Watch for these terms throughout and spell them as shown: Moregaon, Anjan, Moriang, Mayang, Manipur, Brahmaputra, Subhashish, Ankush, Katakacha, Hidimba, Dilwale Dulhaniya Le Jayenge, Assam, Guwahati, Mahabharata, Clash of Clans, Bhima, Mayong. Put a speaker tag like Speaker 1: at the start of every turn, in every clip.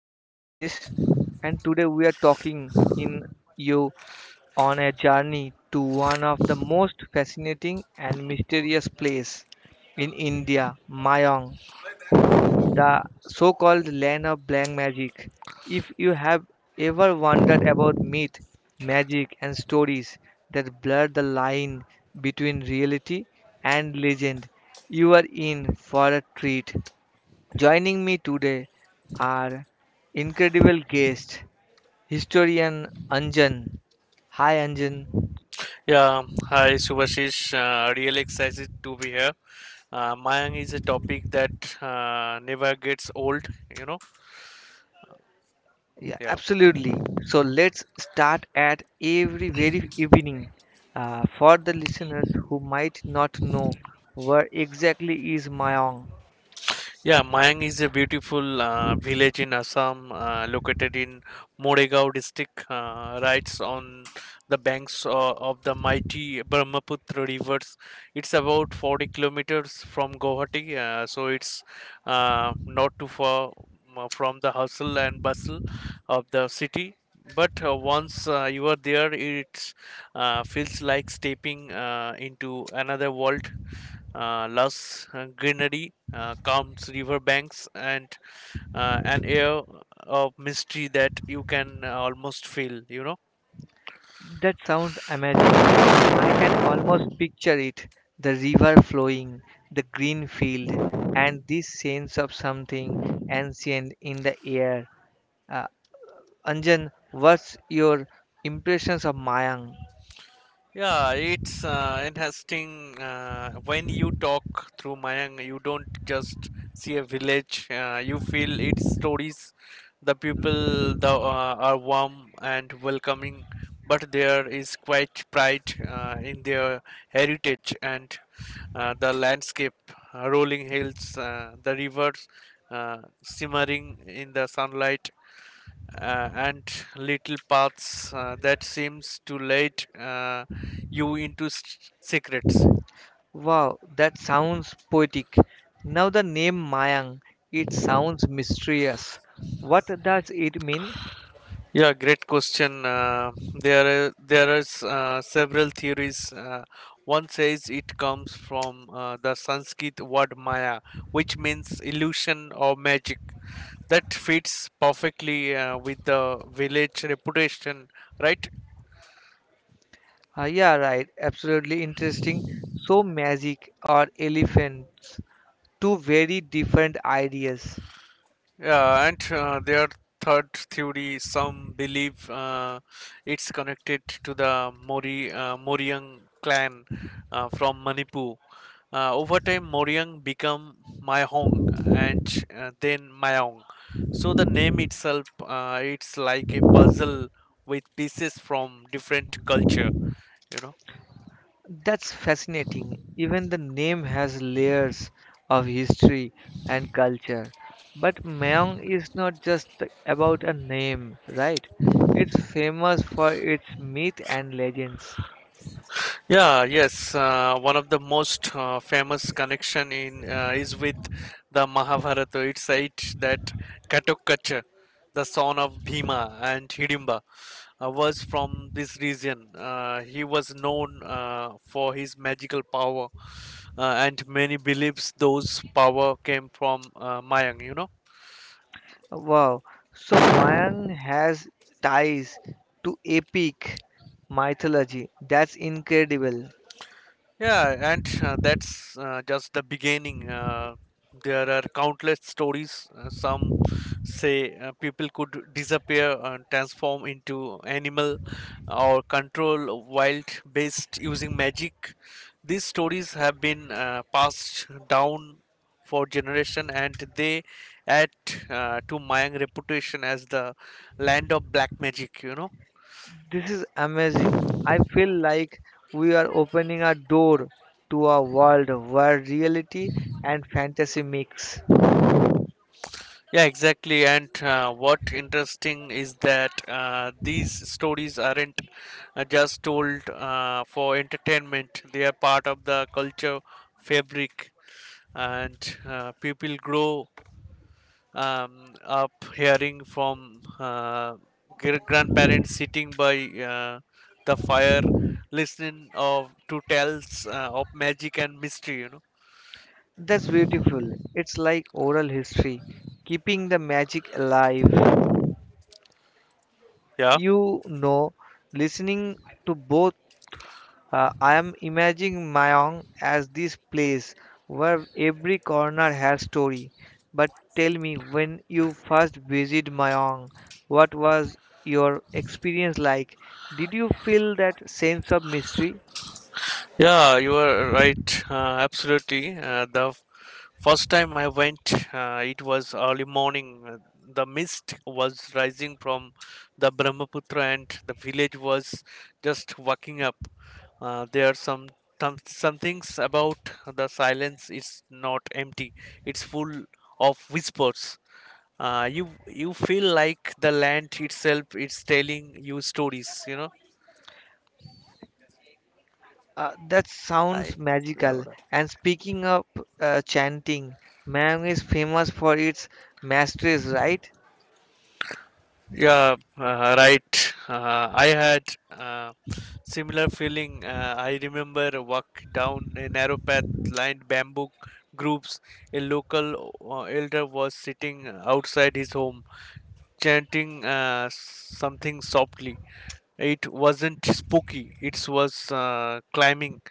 Speaker 1: I'm Subhashish, and today we are talking in you on a journey to one of the most fascinating and mysterious place in India, Mayang, the so-called land of black magic. If you have ever wondered about myth, magic and stories that blur the line between reality and legend, you are in for a treat. Joining me today are incredible guest, historian Anjan. Hi Anjan.
Speaker 2: Yeah, hi Subhashish. Really excited to be here. Mayang is a topic that never gets old, you know.
Speaker 1: Yeah,
Speaker 2: Yeah,
Speaker 1: absolutely. So let's start at every very evening. For the listeners who might not know where exactly is Mayong.
Speaker 2: yeah. Mayang is a beautiful village in Assam, located in Moregaon district, right on the banks of the mighty Brahmaputra rivers. It's about 40 kilometers from Guwahati, so it's not too far from the hustle and bustle of the city. But once you are there, it feels like stepping into another world. Lush greenery, calms river banks, and an air of mystery that you can almost feel.
Speaker 1: That sounds amazing. I can almost picture it. The river flowing, the green field, and this sense of something ancient in the air. Uh, Anjan, what's your impressions of Mayang?
Speaker 2: Yeah, it's interesting when you talk through Mayang, you don't just see a village, you feel its stories. The people are warm and welcoming, but there is quite pride in their heritage, and the landscape, rolling hills, the rivers uh, simmering in the sunlight, and little paths that seems to lead you into secrets.
Speaker 1: Wow, that sounds poetic. Now the name Mayang, it sounds mysterious. What does it mean?
Speaker 2: Yeah, great question. There are several theories. One says it comes from the Sanskrit word maya, which means illusion or magic. That fits perfectly with the village reputation, right?
Speaker 1: Ah, yeah, right. Absolutely interesting. So magic or elephants, two very different ideas.
Speaker 2: Yeah, and their third theory, some believe it's connected to the Moriang clan from Manipur. Over time, Moriang become Mayhong, and then Mayong. So the name itself, it's like a puzzle with pieces from different culture. You know.
Speaker 1: That's fascinating. Even the name has layers of history and culture. But Mayong is not just about a name, right? It's famous for its myth and legends.
Speaker 2: Yeah, yes. One of the most famous connection in is with the Mahabharata. It's said that Katakacha, the son of Bhima and Hidimba, was from this region. He was known for his magical power, and many believes those power came from Mayang. You know.
Speaker 1: Wow. So Mayang has ties to epic mythology. That's incredible.
Speaker 2: Yeah, and that's just the beginning. There are countless stories. Some say people could disappear and transform into animal, or control wild beast using magic. These stories have been passed down for generation, and they add to Mayan reputation as the land of black magic, you know.
Speaker 1: This is amazing. I feel like we are opening a door to a world where reality and fantasy mix.
Speaker 2: Yeah, exactly. And what interesting is that these stories aren't just told for entertainment, they are part of the culture fabric, and people grow up hearing from grandparents sitting by the fire, listening of to tales of magic and mystery, you know.
Speaker 1: That's beautiful. It's like oral history, keeping the magic alive.
Speaker 2: Yeah.
Speaker 1: You know, listening to both, I am imagining Mayong as this place where every corner has story. But tell me, when you first visited Mayong, what was your experience like? Did you feel that sense of mystery?
Speaker 2: Yeah, you are right. Absolutely. The first time I went, it was early morning. The mist was rising from the Brahmaputra, and the village was just waking up. There are some things about the silence. It's not empty. It's full of whispers. Uh, you you feel like the land itself is telling you stories. You know.
Speaker 1: That sounds
Speaker 2: I.
Speaker 1: magical. And speaking of chanting, Mayang is famous for its masteries, right?
Speaker 2: Yeah, right. I had uh, similar feeling. I remember a walk down a narrow path lined bamboo groups. A local elder was sitting outside his home, chanting something softly. It wasn't spooky. It was climbing,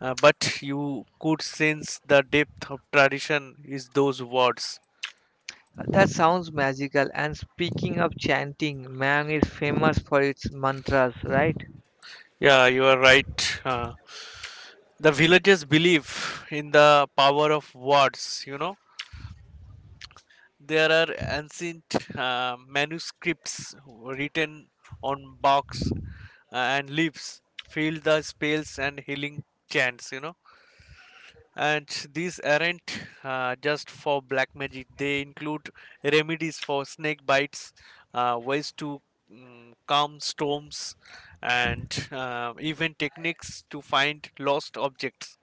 Speaker 2: but you could sense the depth of tradition is those words.
Speaker 1: That sounds magical. And speaking of chanting, Mayang is famous for its mantras, right?
Speaker 2: Yeah, you are right. The villagers believe in the power of words, you know. There are ancient manuscripts written on box and leaves, filled the spells and healing chants, you know. And these aren't just for black magic, they include remedies for snake bites, ways to calm storms, and even techniques to find lost objects,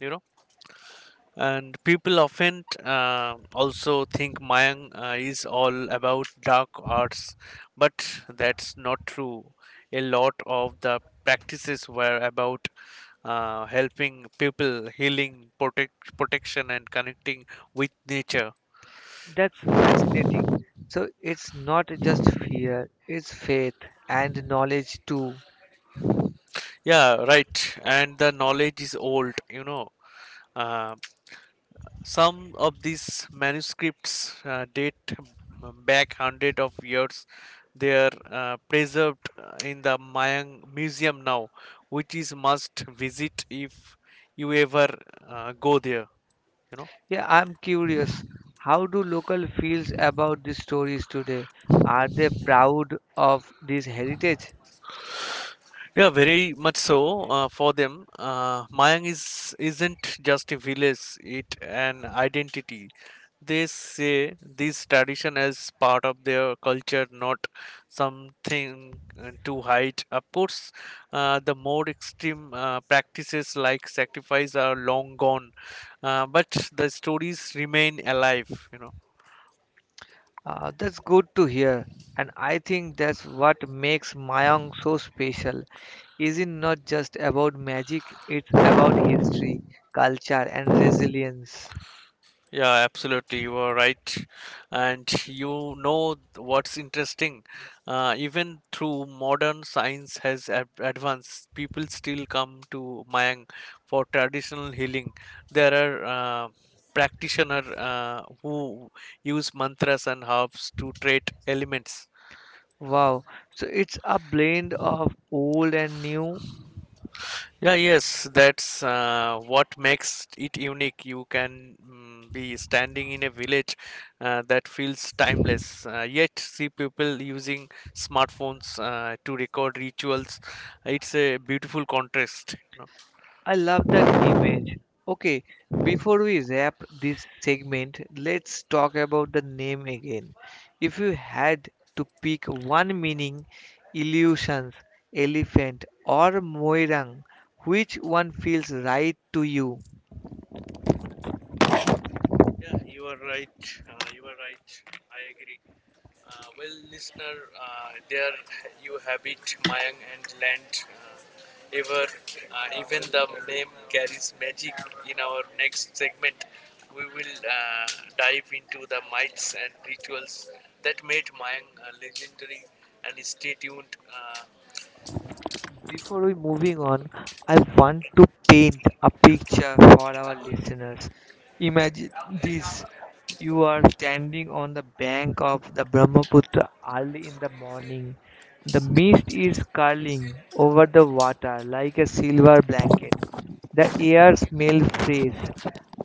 Speaker 2: you know. And people often also think Mayang is all about dark arts, but that's not true. A lot of the practices were about helping people, healing, protection, and connecting with nature.
Speaker 1: That's fascinating. So it's not just fear, it's faith and knowledge too.
Speaker 2: Yeah, right. And the knowledge is old, you know. Uh, Some of these manuscripts date back hundred of years. They are preserved in the Mayang Museum now, which is must visit if you ever go there. You know.
Speaker 1: Yeah, I'm curious. How do local feels about these stories today? Are they proud of this heritage?
Speaker 2: Yeah, very much so. For them, Mayang is isn't just a village; it an identity. They say this tradition as part of their culture, not something to hide. Of course, the more extreme practices like sacrifice are long gone, but the stories remain alive. You know.
Speaker 1: That's good to hear. And I think that's what makes Mayang so special. Is it not just about magic, it's about history, culture, and resilience.
Speaker 2: Yeah, absolutely. You are right. And you know what's interesting? Even through modern science has advanced, people still come to Mayang for traditional healing. There are practitioners who use mantras and herbs to treat elements.
Speaker 1: Wow. So it's a blend of old and new.
Speaker 2: Yeah, yes, that's what makes it unique. You can be standing in a village that feels timeless, yet see people using smartphones to record rituals. It's a beautiful contrast.
Speaker 1: I love that image. Okay, before we wrap this segment, let's talk about the name again. If you had to pick one meaning, illusions, elephant, or moirang, which one feels right to you?
Speaker 2: Yeah, you are right. You are right. I agree. Well, listener, there you have it, Mayang and Land. Ever, Even the name carries magic. In our next segment, we will dive into the myths and rituals that made Mayang legendary. And stay tuned.
Speaker 1: Before we moving on, I want to paint a picture for our listeners. Imagine this. You are standing on the bank of the Brahmaputra early in the morning. The mist is curling over the water like a silver blanket. The air smells fresh,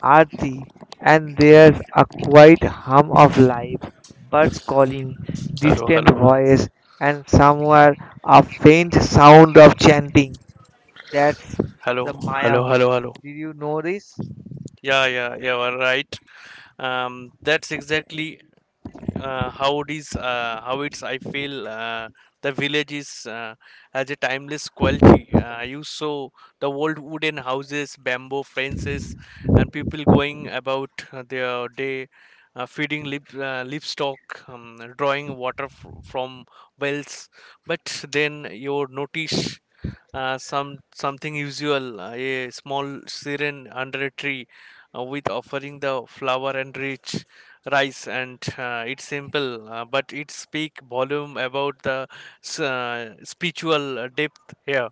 Speaker 1: earthy, and there's a quiet hum of life. Birds calling,
Speaker 2: Hello,
Speaker 1: distant
Speaker 2: hello, hello.
Speaker 1: voice, and somewhere a faint sound of chanting. That's
Speaker 2: Hello,
Speaker 1: the
Speaker 2: hello,
Speaker 1: Mayang.
Speaker 2: hello, hello.
Speaker 1: Did you know this?
Speaker 2: Yeah, yeah, you are right. That's exactly how it is. How it's. I feel the village is has a timeless quality. You saw the old wooden houses, bamboo fences, and people going about their day, feeding livestock, drawing water from wells. But then you notice something usual a small siren under a tree with offering the flour and rich rice. And it's simple but it speak volume about the spiritual depth here.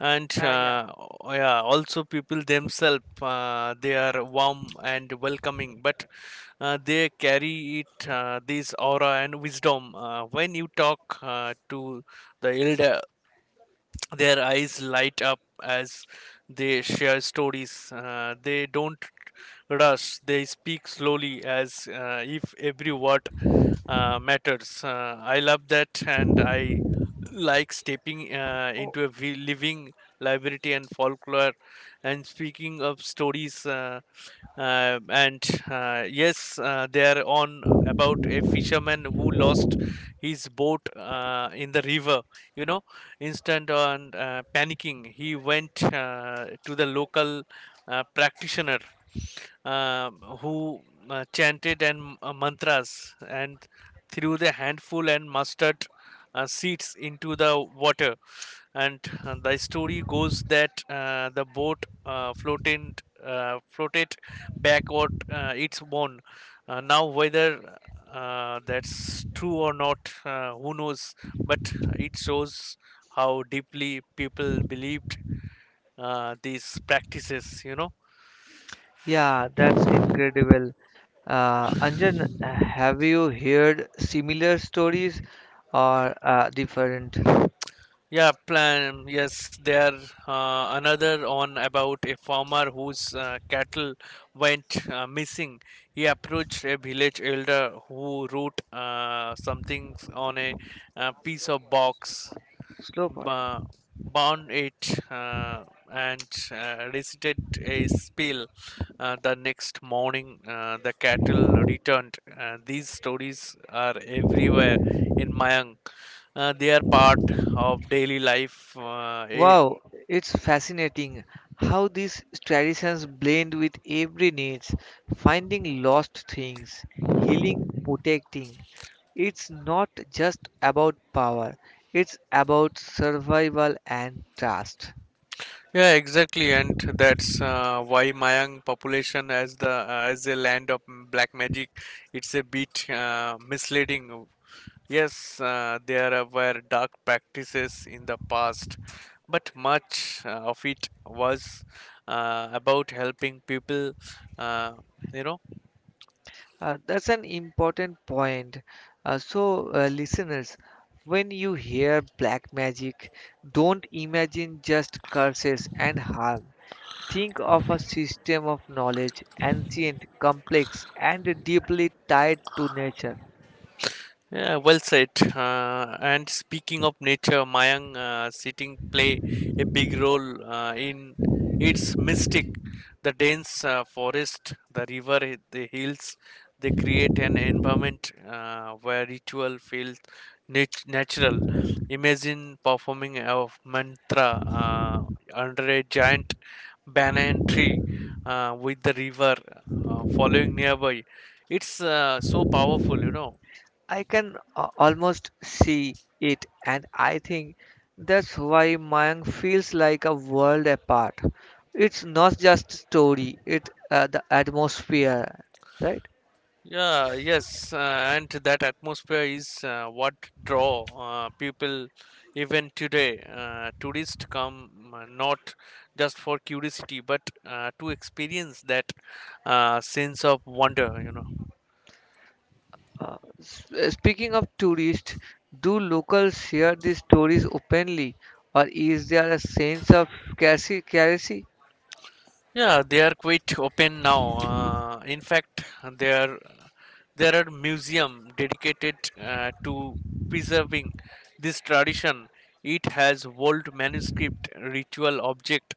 Speaker 2: And
Speaker 1: Yeah.
Speaker 2: yeah, also people themselves they are warm and welcoming, but they carry it this aura and wisdom when you talk to the elder. Their eyes light up as they share stories. They don't rush, they speak slowly as if every word matters. I love that, and I like stepping
Speaker 1: Oh,
Speaker 2: into a living library and folklore. And speaking of stories. And yes, they are on about a fisherman who lost his boat in the river, you know. Instant on panicking, he went to the local practitioner uh, who chanted and mantras, and threw the handful and mustard seeds into the water. And the story goes that the boat floated backward its own. Now whether that's true or not, who knows. But it shows how deeply people believed these practices, you know.
Speaker 1: yeah, that's incredible. Anjan, have you heard similar stories or different?
Speaker 2: Yeah, plan. Yes, they are another on about a farmer whose cattle went missing. He approached a village elder who wrote something on a piece of box,
Speaker 1: Slow part.
Speaker 2: ba- bound it, and recited a spell. The next morning, the cattle returned. These stories are everywhere in Mayang. They are part of daily life.
Speaker 1: Wow, it's fascinating how these traditions blend with every needs, finding lost things, healing, protecting. It's not just about power, it's about survival and trust.
Speaker 2: Yeah, exactly, and that's why Mayang population as the as a land of black magic, it's a bit misleading. Yes, there were dark practices in the past, but much of it was about helping people. Uh, you know.
Speaker 1: That's an important point. So, listeners, when you hear black magic, don't imagine just curses and harm. Think of a system of knowledge, ancient, complex, and deeply tied to nature.
Speaker 2: Yeah, well said. And speaking of nature, Mayang sitting play a big role in its mystic. The dense forest, the river, the hills, they create an environment where ritual feels natural. Imagine performing a mantra uh, under a giant banyan tree with the river following nearby. It's so powerful, you know.
Speaker 1: I can almost see it, and I think that's why Mayang feels like a world apart. It's not just story; it the atmosphere, right?
Speaker 2: Yeah, yes, and that atmosphere is what draw people even today. Tourists come not just for curiosity, but to experience that sense of wonder. You know.
Speaker 1: S- speaking of tourists, do locals share these stories openly, or is there a sense of scarcity?
Speaker 2: Yeah, they are quite open now. In fact, there there are museum dedicated to preserving this tradition. It has old manuscript, ritual object,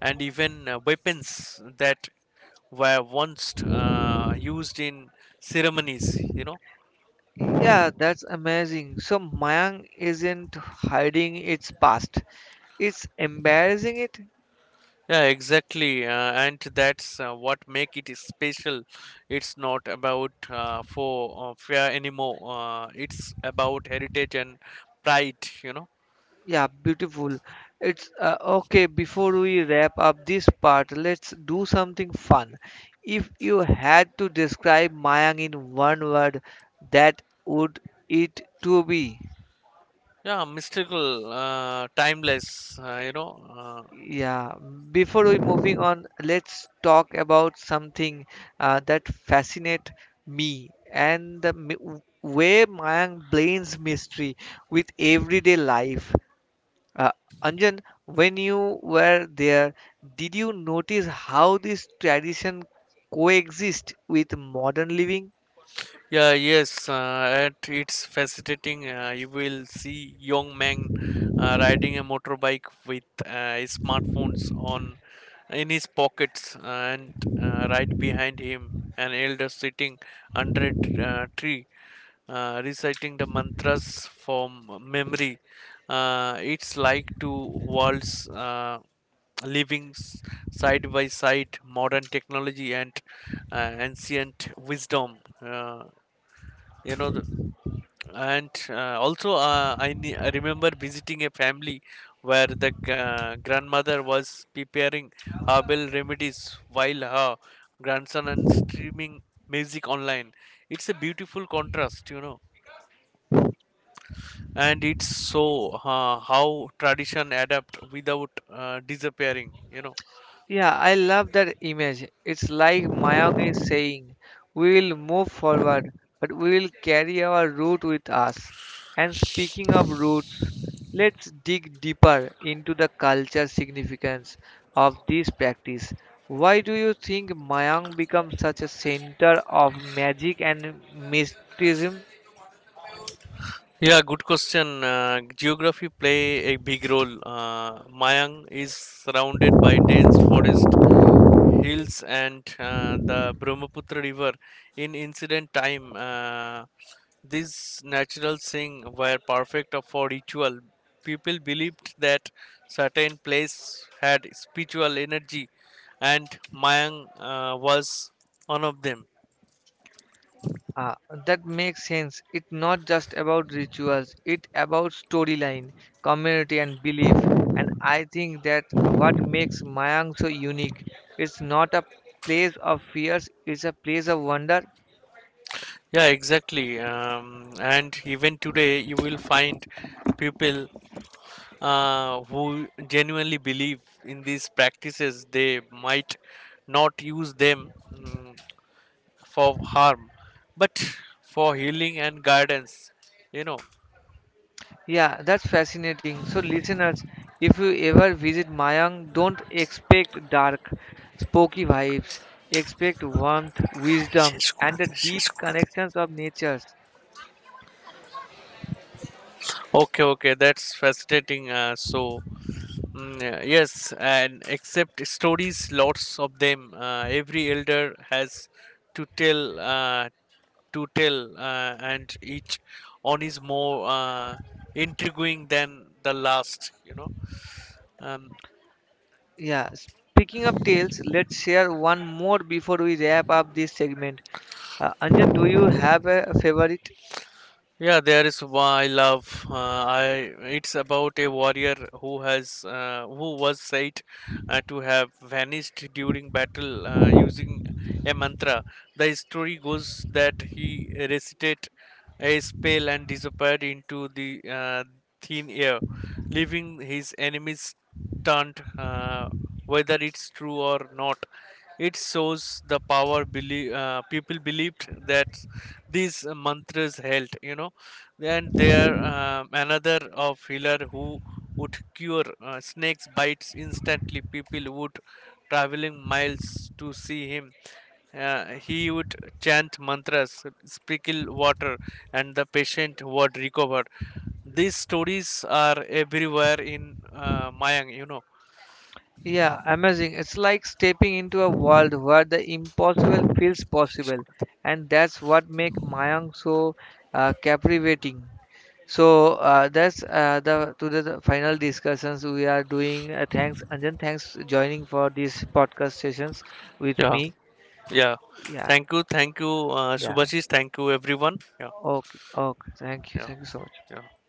Speaker 2: and even weapons that were once used in ceremonies. You know.
Speaker 1: Yeah, that's amazing. So Mayang isn't hiding its past; it's embarrassing it.
Speaker 2: Yeah, exactly, and that's what make it special. It's not about for fear anymore. It's about heritage and pride. You know.
Speaker 1: Yeah, beautiful. It's Okay. Before we wrap up this part, let's do something fun. If you had to describe Mayang in one word, that would it to be.
Speaker 2: Yeah, mystical, timeless. You know.
Speaker 1: Yeah, before we moving on, let's talk about something that fascinate me and the way Mayang blends mystery with everyday life. Uh, Anjan, when you were there, did you notice how this tradition coexist with modern living?
Speaker 2: Yeah, yes, and it's fascinating. You will see young men riding a motorbike with his smartphones on in his pockets, and right behind him, an elder sitting under a tree, reciting the mantras from memory. It's like two worlds living side by side, modern technology and ancient wisdom. You know the, and also I remember visiting a family where the grandmother was preparing herbal remedies while her grandson and streaming music online. It's a beautiful contrast, you know. And it's so how tradition adapt without disappearing, you know.
Speaker 1: Yeah, I love that image. It's like Mayong is saying, we will move forward, but we will carry our root with us. And speaking of roots, let's dig deeper into the culture significance of this practice. Why do you think Mayang becomes such a center of magic and mysticism?
Speaker 2: Yeah, good question. Geography play a big role. Mayang is surrounded by dense forest, hills, and the Brahmaputra River in ancient time. These natural things were perfect for ritual. People believed that certain place had spiritual energy, and Mayang was one of them.
Speaker 1: Ah, that makes sense. It's not just about rituals, it's about storyline, community, and belief. And I think that what makes Mayang so unique. It's not a place of fears, it's a place of wonder.
Speaker 2: Yeah, exactly. And even today, you will find people who genuinely believe in these practices. They might not use them, for harm, but for healing and guidance. You know.
Speaker 1: Yeah, that's fascinating. So, listeners, if you ever visit Mayang, don't expect dark, spooky vibes. Expect warmth, wisdom,
Speaker 2: শেষ
Speaker 1: and the deep
Speaker 2: করে
Speaker 1: connections of natures.
Speaker 2: Okay, okay, that's fascinating. So, mm, yes, and except stories, lots of them. Every elder has to tell, uh, to tell, and each one is more intriguing than the last. You know. Um,
Speaker 1: Yeah, speaking of tales, let's share one more before we wrap up this segment. Anjan, do you have a favorite?
Speaker 2: Yeah, there is one I love. I It's about a warrior who was said to have vanished during battle using a mantra. The story goes that he recited a spell and disappeared into the thin air, leaving his enemies stunt. Whether it's true or not. It shows the power people believed that these mantras held, you know. And there, another of healer who would cure snakes bites instantly. People would traveling miles to see him. He would chant mantras, sprinkle water, and the patient would recover. These stories are everywhere in Mayang, you know.
Speaker 1: Yeah, amazing. It's like stepping into a world where the impossible feels possible, and that's what makes Mayang so captivating. So that's the to the the final discussions we are doing. Thanks, Anjan. Thanks joining for these podcast sessions with
Speaker 2: Yeah,
Speaker 1: me.
Speaker 2: yeah.
Speaker 1: Yeah,
Speaker 2: Thank you,
Speaker 1: yeah.
Speaker 2: Subhashis. Thank you, everyone. Yeah,
Speaker 1: Okay, okay. Thank you.
Speaker 2: yeah,
Speaker 1: Thank you so much.
Speaker 2: yeah.